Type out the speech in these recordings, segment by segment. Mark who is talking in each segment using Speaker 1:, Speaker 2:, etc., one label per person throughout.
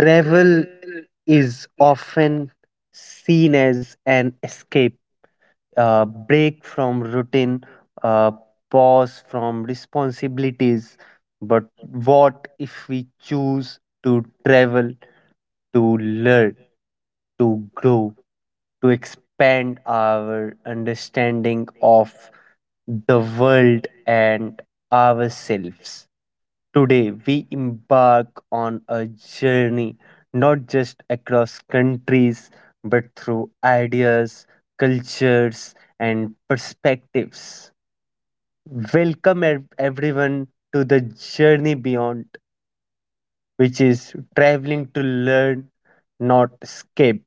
Speaker 1: Travel is often seen as an escape, a break from routine, a pause from responsibilities. But what if we choose to travel, to learn, to grow, to expand our understanding of the world and ourselves? Today, we embark on a journey not just across countries but through ideas, cultures, and perspectives. Welcome, everyone, to the Journey Beyond, which is traveling to learn, not escape.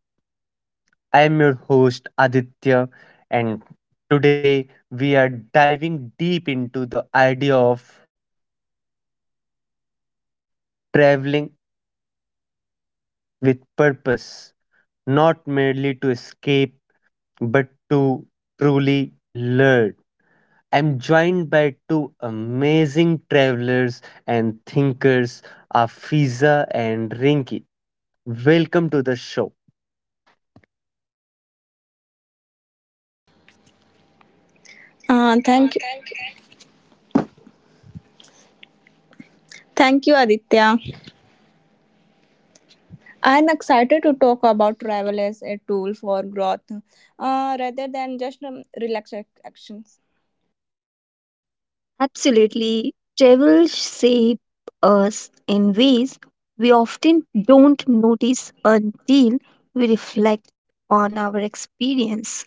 Speaker 1: I am your host, Aditya, and today we are diving deep into the idea of traveling with purpose, not merely to escape, but to truly learn. I'm joined by two amazing travelers and thinkers, Afiza and Rinki. Welcome to the show.
Speaker 2: Thank you. Thank you, Aditya. I'm excited to talk about travel as a tool for growth rather than just relaxation actions.
Speaker 3: Absolutely. Travel shape us in ways we often don't notice until we reflect on our experience.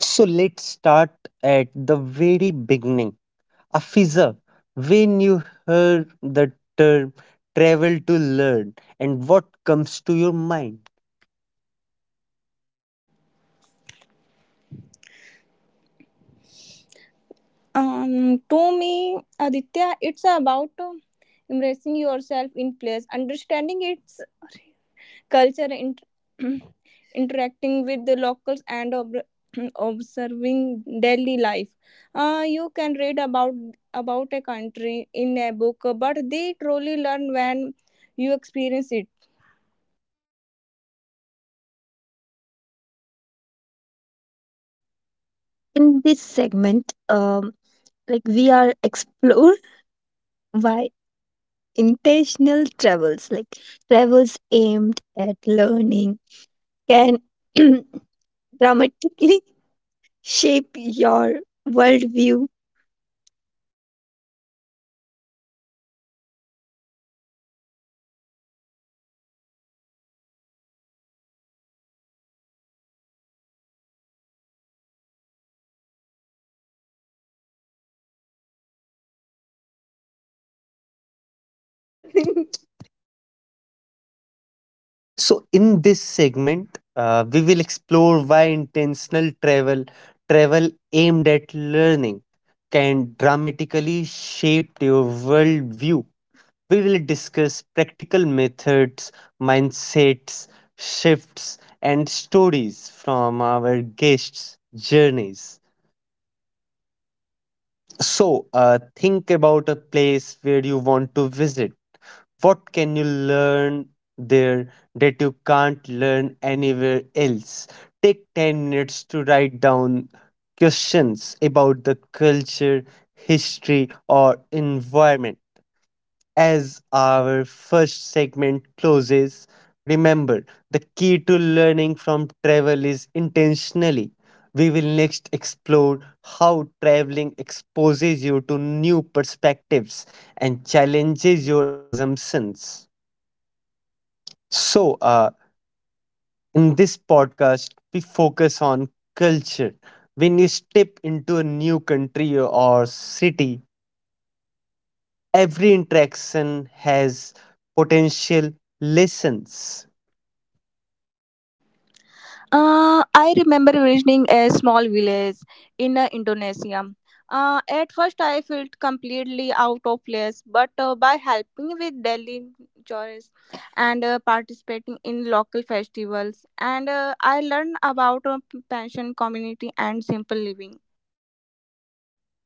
Speaker 1: So let's start at the very beginning. Afiza, when you heard the term travel to learn, and what comes to your mind?
Speaker 2: To me, Aditya, it's about embracing yourself in place, understanding its culture interacting with the locals and observing daily life. You can read about a country in a book, but they truly learn when you experience it.
Speaker 3: In this segment, like we are explore why intentional travels, like travels aimed at learning, can dramatically shape your worldview.
Speaker 1: So, in this segment, we will explore why intentional travel, travel aimed at learning, can dramatically shape your worldview. We will discuss practical methods, mindsets, shifts, and stories from our guests' journeys. Think about a place where you want to visit. What can you learn there that you can't learn anywhere else? Take 10 minutes to write down questions about the culture, history, or environment. As our first segment closes, remember the key to learning from travel is intentionally. We will next explore how traveling exposes you to new perspectives and challenges your assumptions. So, uh, in this podcast, we focus on culture. When you step into a new country or city, every interaction has potential lessons.
Speaker 2: I remember visiting a small village in Indonesia. At first, I felt completely out of place, but by helping with daily chores and participating in local festivals, and I learned about pension community and simple living.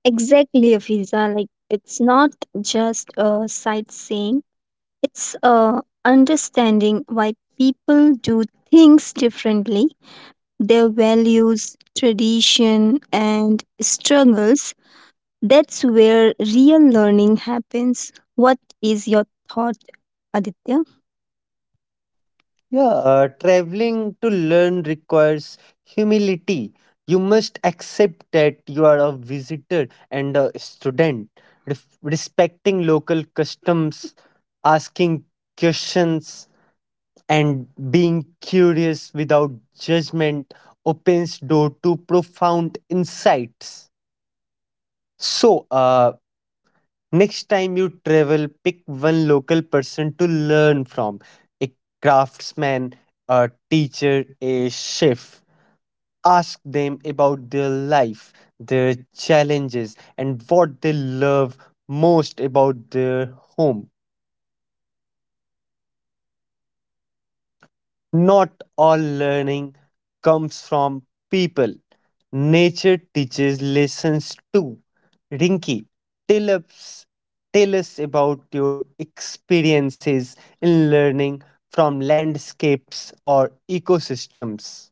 Speaker 3: Exactly, Afiza. Like it's not just a sightseeing. It's understanding why people do things differently, their values, tradition, and struggles. That's where real learning happens. What is your thought, Aditya?
Speaker 1: Yeah, traveling to learn requires humility. You must accept that you are a visitor and a student, respecting local customs, asking questions, and being curious without judgment opens door to profound insights. So, uh, Next time you travel, pick one local person to learn from a craftsman, a teacher, a chef. Ask them about their life, their challenges, and what they love most about their home. Not all learning comes from people. Nature teaches lessons too. Rinky, tell us, tell us about your experiences in learning from landscapes or ecosystems.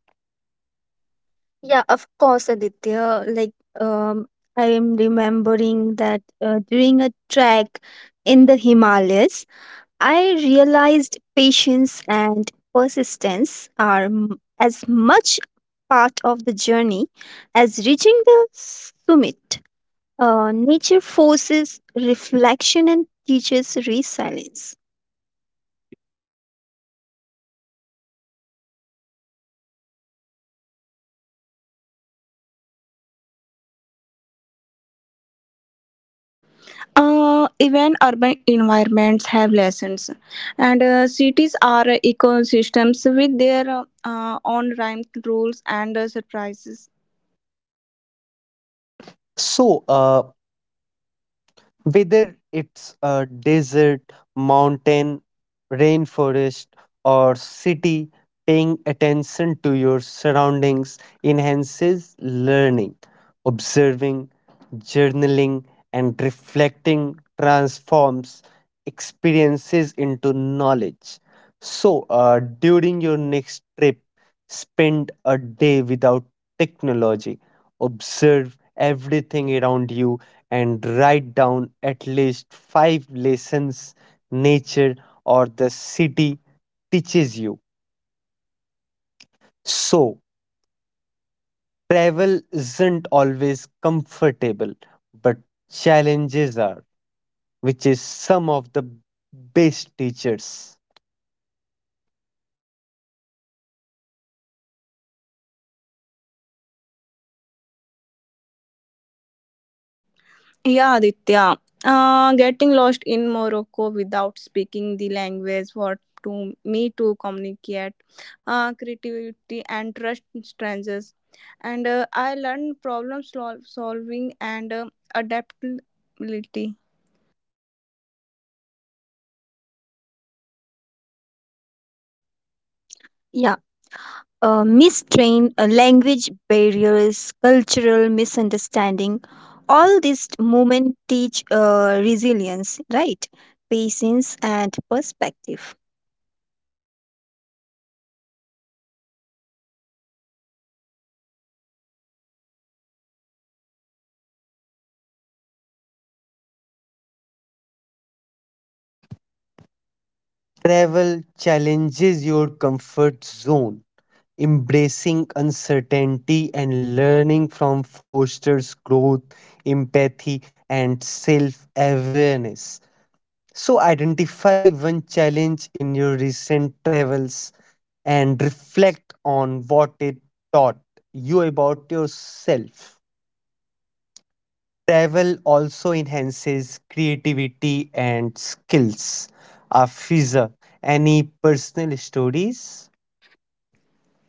Speaker 3: Yeah, of course, Aditya. Like, um, I am remembering that during a trek in the Himalayas, I realized patience and persistence are as much part of the journey as reaching the summit. Nature forces reflection and teaches resilience.
Speaker 2: Even urban environments have lessons, and cities are ecosystems with their own rhyme rules and surprises.
Speaker 1: So, uh, Whether it's a desert, mountain, rainforest, or city, paying attention to your surroundings enhances learning. Observing, journaling, and reflecting transforms experiences into knowledge. So, during your next trip, spend a day without technology. Observe everything around you and write down at least five lessons nature or the city teaches you. So, travel isn't always comfortable, but challenges are, which is some of the best teachers.
Speaker 2: Yeah, Aditya. Getting lost in Morocco without speaking the language what to me to communicate creativity and trust in strangers, and I learned solving and adaptability.
Speaker 3: Yeah, mistrain, language barriers, cultural misunderstanding, all these movement teach resilience, right? Patience and perspective.
Speaker 1: Travel challenges your comfort zone. Embracing uncertainty and learning from fosters growth, empathy, and self awareness. So, identify one challenge in your recent travels and reflect on what it taught you about yourself. Travel also enhances creativity and skills. Afiza, any personal stories?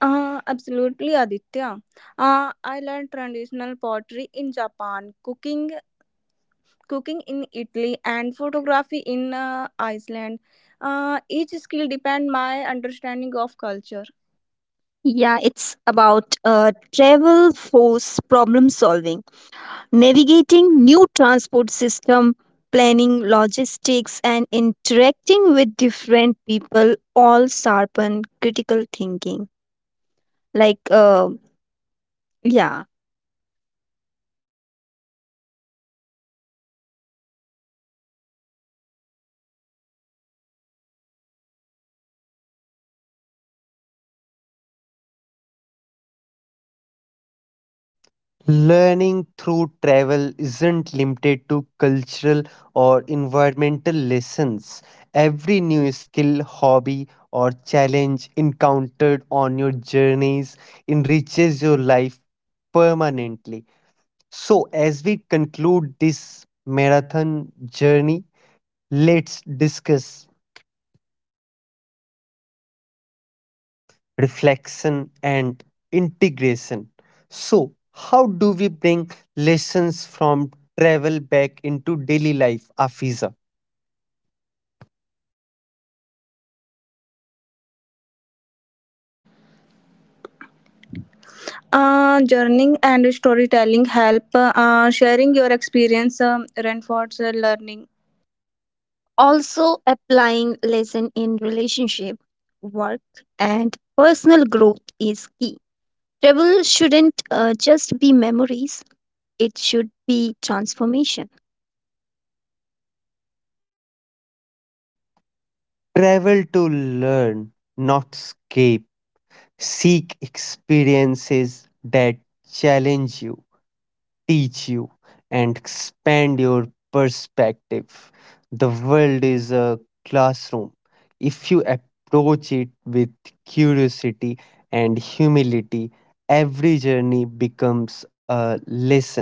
Speaker 2: Absolutely aditya, I learned traditional pottery in japan, cooking in italy and photography in iceland. Each skill depend my understanding of culture.
Speaker 3: Yeah, it's about travel force problem solving, navigating new transport system, planning logistics, and interacting with different people all sharpen critical thinking. Like, uh, yeah,
Speaker 1: Learning through travel isn't limited to cultural or environmental lessons. Every new skill, hobby, or challenge encountered on your journeys enriches your life permanently. So, as we conclude this marathon journey, let's discuss reflection, and integration. So, how do we bring lessons from travel back into daily life, Afiza?
Speaker 2: Journaling and storytelling help sharing your experience, reinforce learning.
Speaker 3: also applying lesson in relationship, work, and personal growth is key. Travel shouldn't just be memories; it should be transformation.
Speaker 1: Travel to learn, not escape. Seek experiences that challenge you teach you and expand your perspective. The world is a classroom. If you approach it with curiosity and humility, every journey becomes a lesson.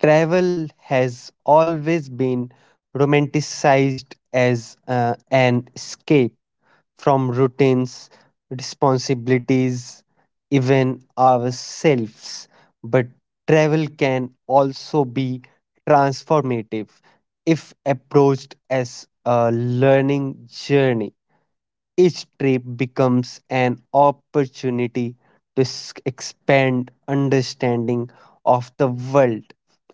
Speaker 1: Travel has always been romanticized as an escape from routines, responsibilities, even ourselves. But travel can also be transformative if approached as a learning journey. Each trip becomes an opportunity to expand understanding of the world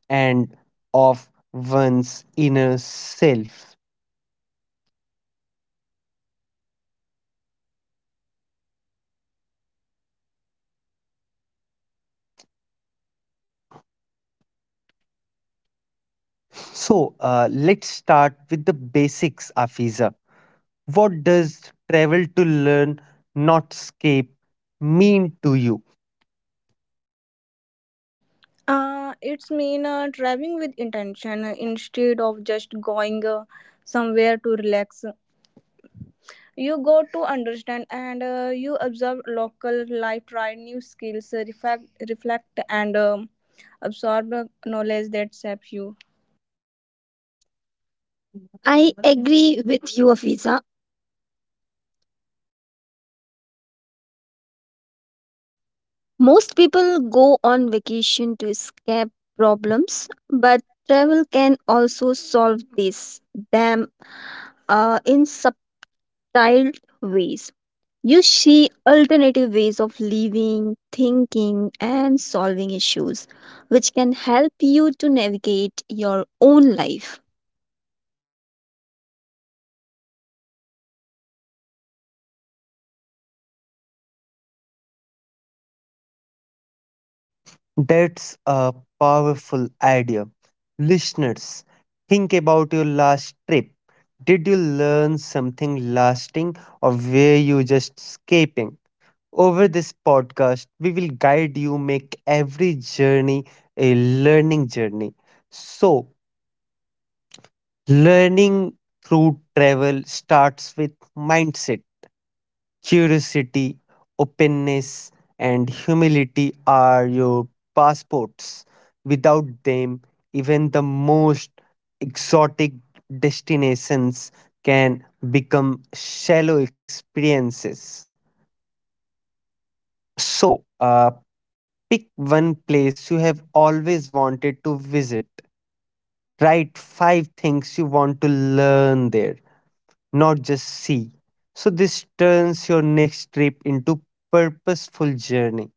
Speaker 1: and of one's inner self. So let's start with the basics, Afiza. What does travel to learn, not escape, mean to you?
Speaker 2: It's mean traveling with intention instead of just going somewhere to relax. You go to understand, and you observe local life, try new skills, reflect, and absorb knowledge that shapes you.
Speaker 3: I agree with you, Afiza. Most people go on vacation to escape problems, but travel can also solve this them in subtle ways. You see alternative ways of living, thinking, and solving issues, which can help you to navigate your own life.
Speaker 1: That's a powerful idea. Listeners, think about your last trip. Did you learn something lasting or were you just escaping? Over this podcast, we will guide you make every journey a learning journey. So, learning through travel starts with mindset. Curiosity, openness, and humility are your passports. Without them, even the most exotic destinations can become shallow experiences. So, pick one place you have always wanted to visit. Write five things you want to learn there, not just see. So this turns your next trip into purposeful journey.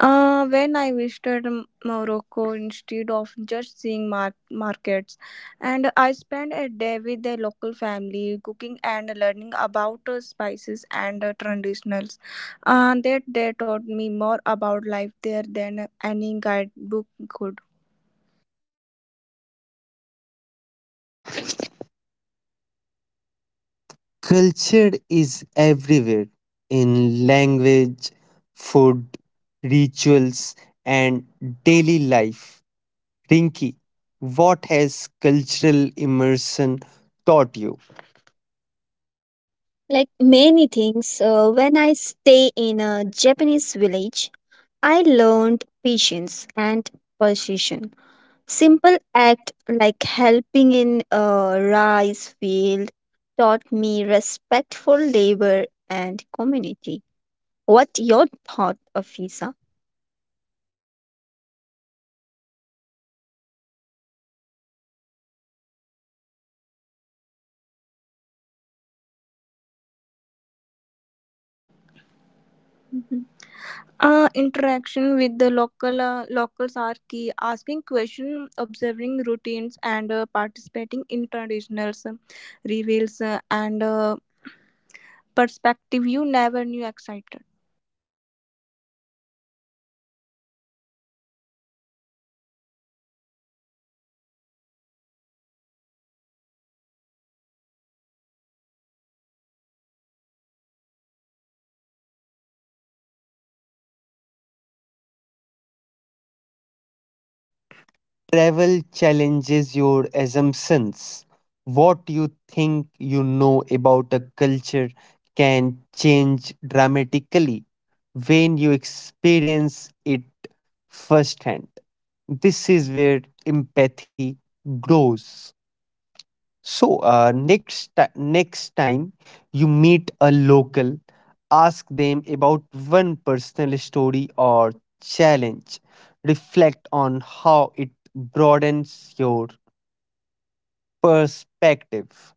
Speaker 2: When I visited Morocco, instead of just seeing markets, and I spent a day with the local family cooking and learning about spices and traditionals. That they taught me more about life there than any guidebook could.
Speaker 1: Culture is everywhere in language, food, rituals and daily life. Rinki, what has cultural immersion taught you?
Speaker 3: Like many things, when I stay in a Japanese village, I learned patience and persuasion. Simple act like helping in a rice field taught me respect for labor and community. What your thought, Afisa?
Speaker 2: Interaction with the local locals are key. Asking questions, observing routines, and participating in traditional reveals and perspective you never knew existed?
Speaker 1: Travel challenges your assumptions. What you think you know about a culture can change dramatically when you experience it firsthand. This is where empathy grows. So next time you meet a local, ask them about one personal story or challenge. Reflect on how it broadens your perspective.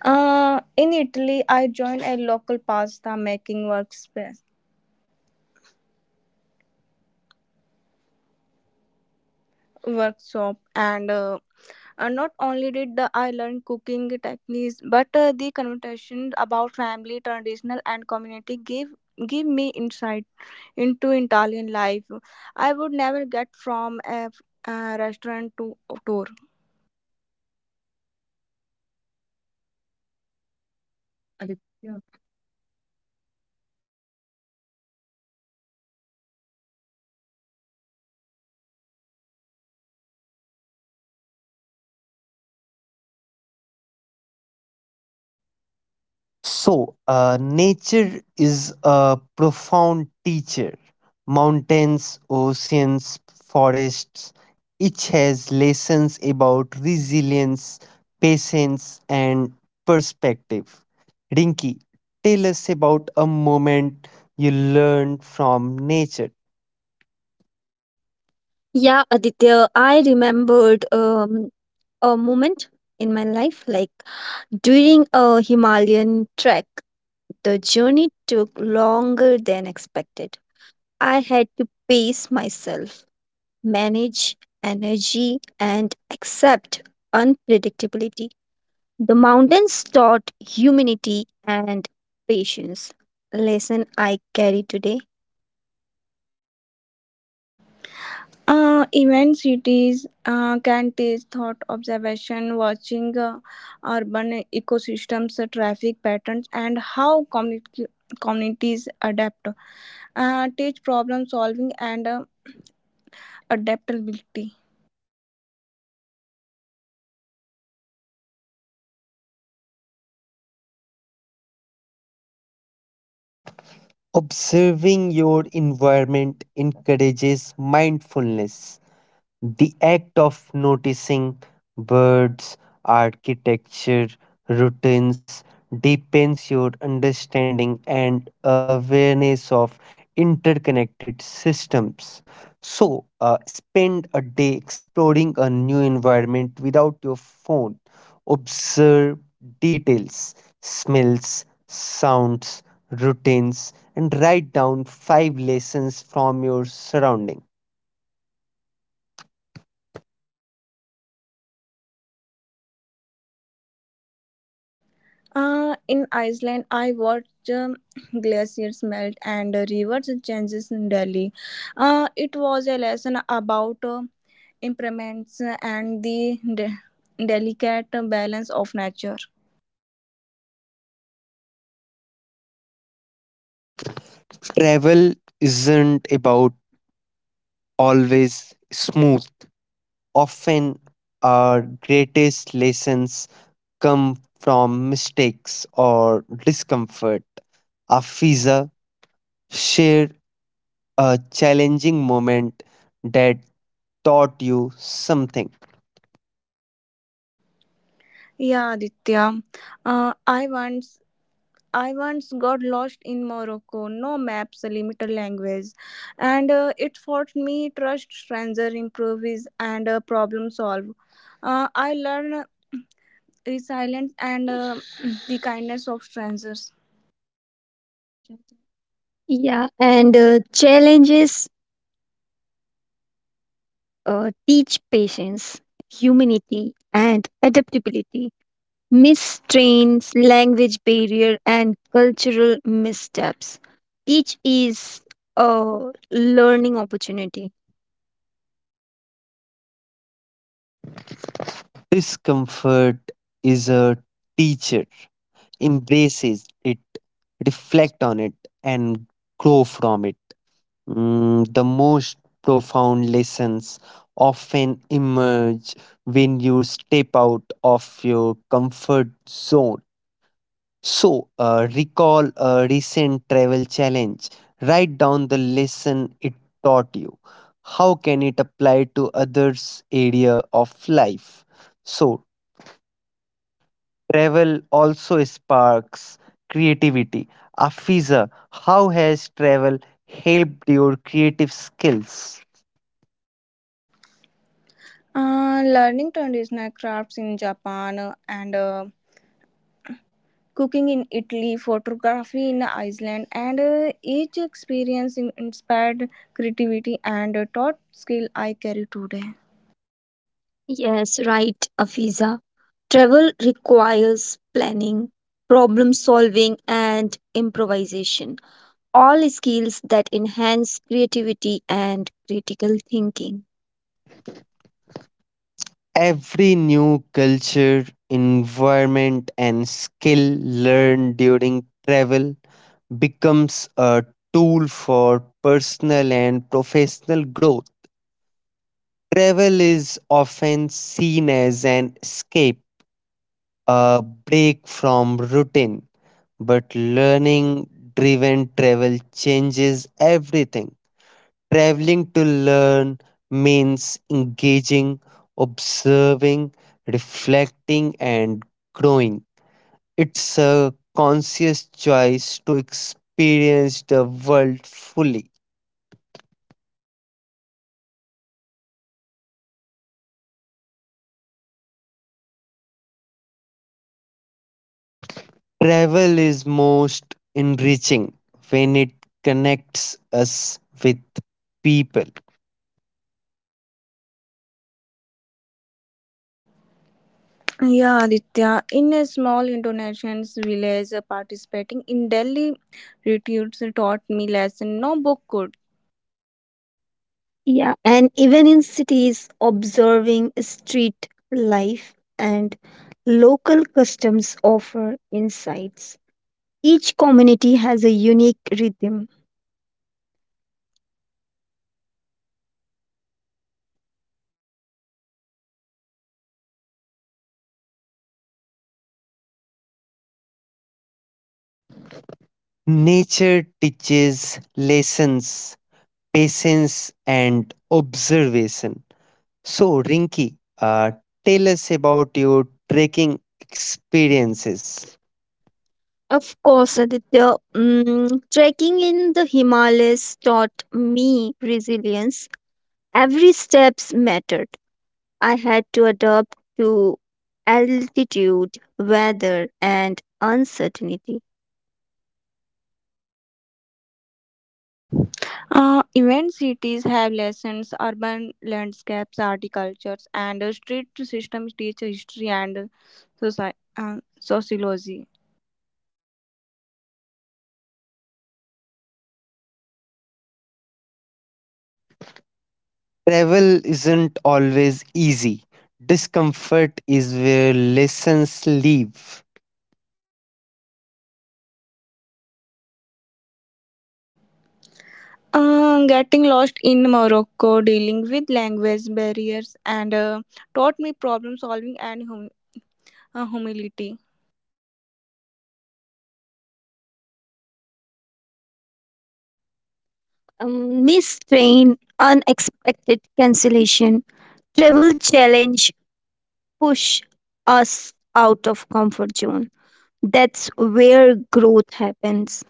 Speaker 2: In Italy, I joined a local pasta making workspace workshop, and not only did the, I learn cooking techniques, but the conversations about family, traditional, and community gave give me insight into Italian life. I would never get from a restaurant to tour.
Speaker 3: Aditya.
Speaker 1: So, nature is a profound teacher. Mountains, oceans, forests, each has lessons about resilience, patience, and perspective. Rinki, tell us about a moment you learned from nature.
Speaker 3: Yeah, Aditya, I remembered a moment in my life like during a Himalayan trek, the journey took longer than expected. I had to pace myself manage energy, and accept unpredictability. The mountains taught humanity and patience. Lesson I carry today.
Speaker 2: Event cities can teach thought observation, watching urban ecosystems, traffic patterns, and how communities adapt. Teach problem solving and adaptability.
Speaker 1: Observing your environment encourages mindfulness. The act of noticing birds, architecture, routines deepens your understanding and awareness of interconnected systems. So, spend a day exploring a new environment without your phone. Observe details, smells, sounds, routines, and write down five lessons from your surrounding.
Speaker 2: In Iceland, I watched glaciers melt and rivers changes in Delhi. It was a lesson about impermanence and the delicate balance of nature.
Speaker 1: Travel isn't about always smooth. Often, our greatest lessons come from mistakes or discomfort. Afiza, share a challenging moment that taught you something.
Speaker 2: Yeah, Aditya. Uh, I once I once got lost in Morocco. No maps, limited language, and it forced me trust stranger, improvise, and problem solve. I learned resilience and the kindness of strangers.
Speaker 3: Yeah, and challenges teach patience, humanity, and adaptability. Mistrains, language barrier, and cultural missteps. Each is a learning opportunity.
Speaker 1: Discomfort is a teacher. Embraces it, reflect on it, and grow from it. The most profound lessons often emerge when you step out of your comfort zone. So, recall a recent travel challenge. Write down the lesson it taught you. How can it apply to others' area of life? So, travel also sparks creativity. Afiza, how has travel helped your creative skills?
Speaker 2: Learning traditional crafts in Japan and cooking in Italy, photography in Iceland, and each experience inspired creativity and taught skill I carry today.
Speaker 3: Yes, right, Afiza. Travel requires planning, problem solving, and improvisation, all skills that enhance creativity and critical thinking.
Speaker 1: Every new culture, environment, and skill learned during travel becomes a tool for personal and professional growth. Travel is often seen as an escape, a break from routine, but learning driven travel changes everything. Traveling to learn means engaging, observing, reflecting, and growing. It's a conscious choice to experience the world fully. Travel is most enriching when it connects us with people.
Speaker 2: Yeah, Aditya, in a small Indonesian village participating in Delhi retreats taught me lesson no book could.
Speaker 3: Yeah, and even in cities, observing street life and local customs offer insights. Each community has a unique rhythm.
Speaker 1: Nature teaches lessons, patience, and observation. So, Rinki, tell us about your trekking experiences.
Speaker 3: Of course, Aditya, mm, trekking in the Himalayas taught me resilience. Every steps mattered. I had to adapt to altitude, weather, and uncertainty.
Speaker 2: Event cities have lessons, urban landscapes, horticultures, and street systems teach history and sociology.
Speaker 1: Travel isn't always easy. Discomfort is where lessons live.
Speaker 2: Getting lost in Morocco, dealing with language barriers, and taught me problem solving and humility.
Speaker 3: Missed train, unexpected cancellation, travel challenge push us out of comfort zone. That's where growth happens.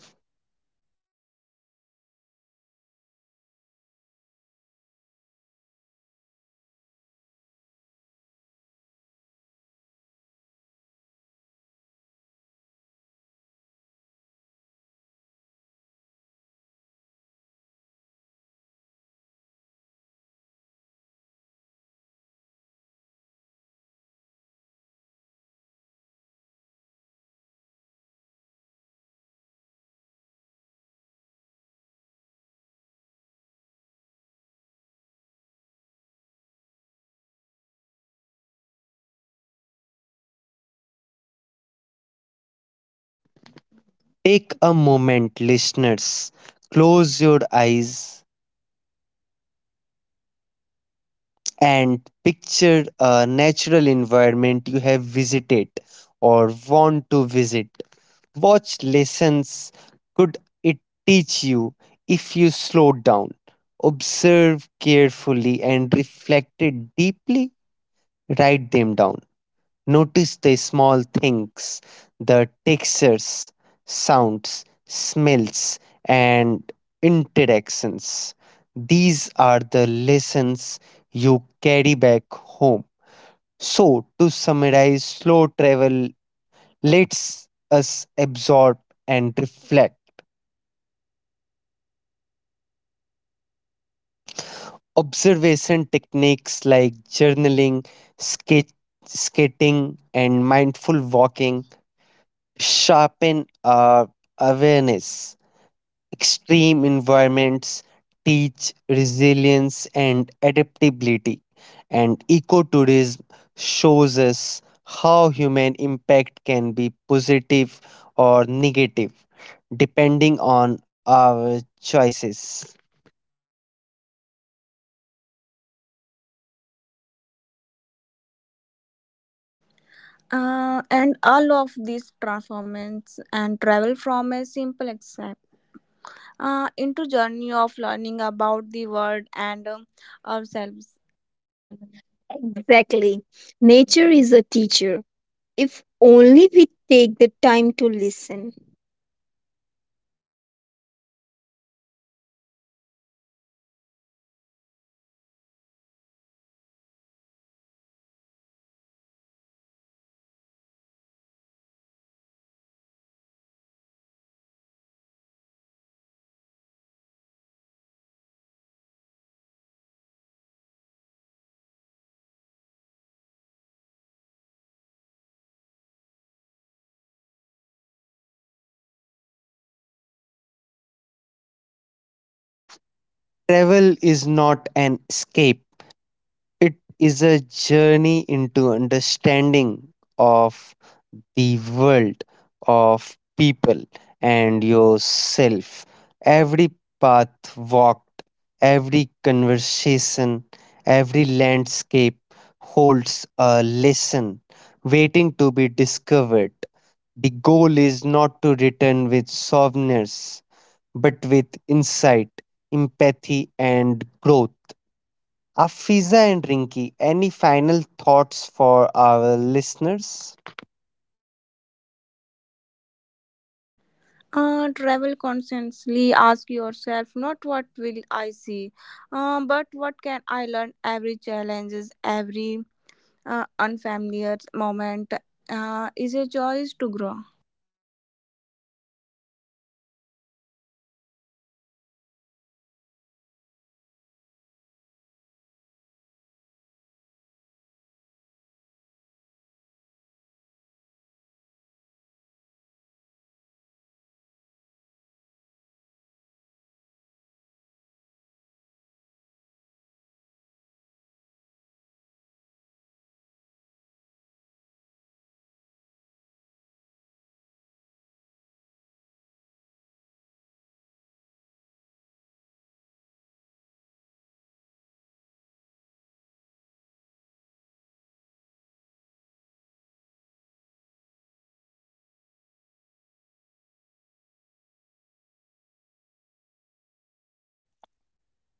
Speaker 1: Take a moment, listeners. Close your eyes and picture a natural environment you have visited or want to visit. Watch lessons could it teach you if you slow down, observe carefully, and reflected deeply? Write them down. Notice the small things, the textures, sounds, smells, and interactions. These are the lessons you carry back home. So, to summarize, slow travel lets us absorb and reflect. Observation techniques like journaling, skate, skating, and mindful walking sharpen our awareness. Extreme environments teach resilience and adaptability, and ecotourism shows us how human impact can be positive or negative depending on our choices.
Speaker 2: And all of these transformations and travel from a simple accept into journey of learning about the world and ourselves.
Speaker 3: Exactly. Nature is a teacher. If only we take the time to listen,
Speaker 1: Travel is not an escape, it is a journey into understanding of the world of people and yourself. Every path walked, every conversation, every landscape holds a lesson waiting to be discovered. The goal is not to return with souvenirs, but with insight, empathy, and growth. Afiza and Rinki, any final thoughts for our listeners?
Speaker 2: Travel consciously. Ask yourself not what will I see, but what can I learn. Every challenges, every unfamiliar moment is a choice to grow.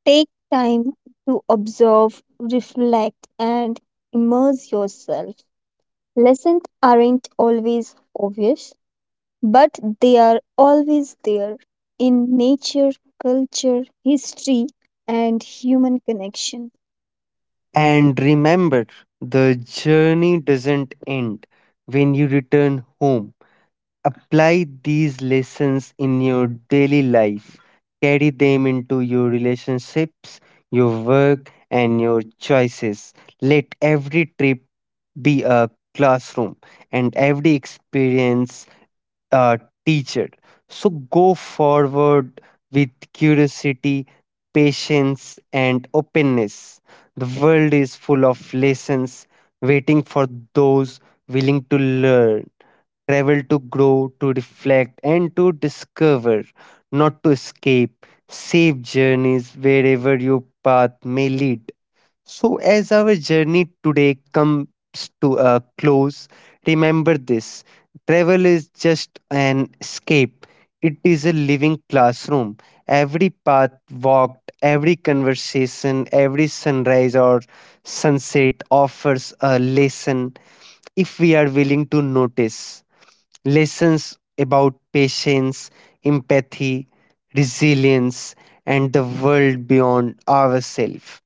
Speaker 3: take time to observe, reflect, and immerse yourself. Lessons aren't always obvious, but they are always there in nature, culture, history, and human connection.
Speaker 1: And remember, the journey doesn't end when you return home. Apply these lessons in your daily life. Carry them into your relationships, your work, and your choices. Let every trip be a classroom and every experience uh, teacher. So go forward with curiosity, patience, and openness. The world is full of lessons waiting for those willing to learn, travel to grow, to reflect, and to discover, not to escape. Safe journeys wherever your path may lead. So, as our journey today comes to a close, remember this travel is just an escape, it is a living classroom. Every path walked, every conversation, every sunrise or sunset offers a lesson if we are willing to notice lessons about patience, empathy, resilience, and the world beyond ourselves.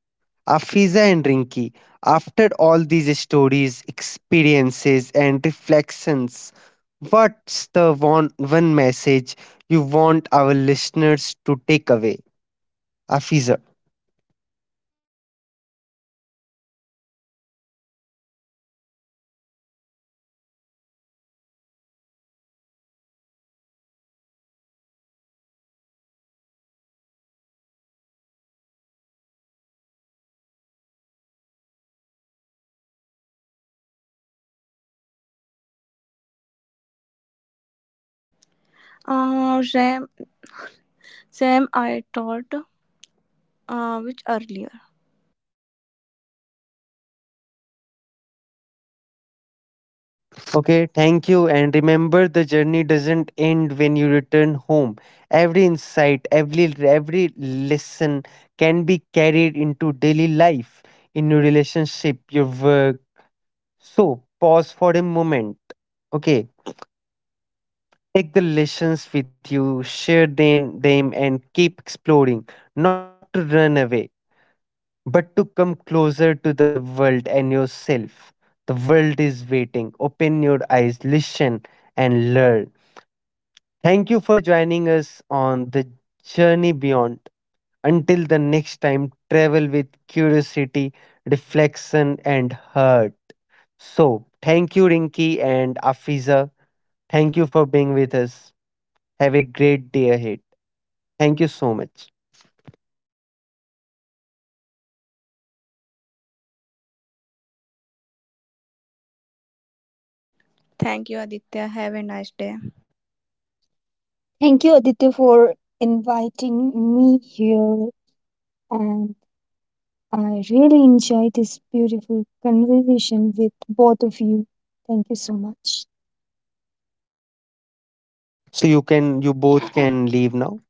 Speaker 1: Afiza and Rinki, after all these stories, experiences, and reflections, what's the one message you want our listeners to take away? Afiza.
Speaker 2: Uh, same, same I thought which earlier.
Speaker 1: Okay, thank you. And remember, the journey doesn't end when you return home. Every insight, every lesson can be carried into daily life, in your relationship, your work. So pause for a moment. Okay, take the lessons with you, share them, and keep exploring. Not to run away, but to come closer to the world and yourself. The world is waiting. Open your eyes, listen, and learn. Thank you for joining us on the Journey Beyond. Until the next time, travel with curiosity, reflection, and heart. So, thank you, Rinki and Afiza. Thank you for being with us. Have a great day ahead. Thank you so much.
Speaker 2: Thank you, Aditya. Have a nice day.
Speaker 3: Thank you, Aditya, for inviting me here, and I really enjoyed this beautiful conversation with both of you. Thank you so much.
Speaker 1: So you both can leave now.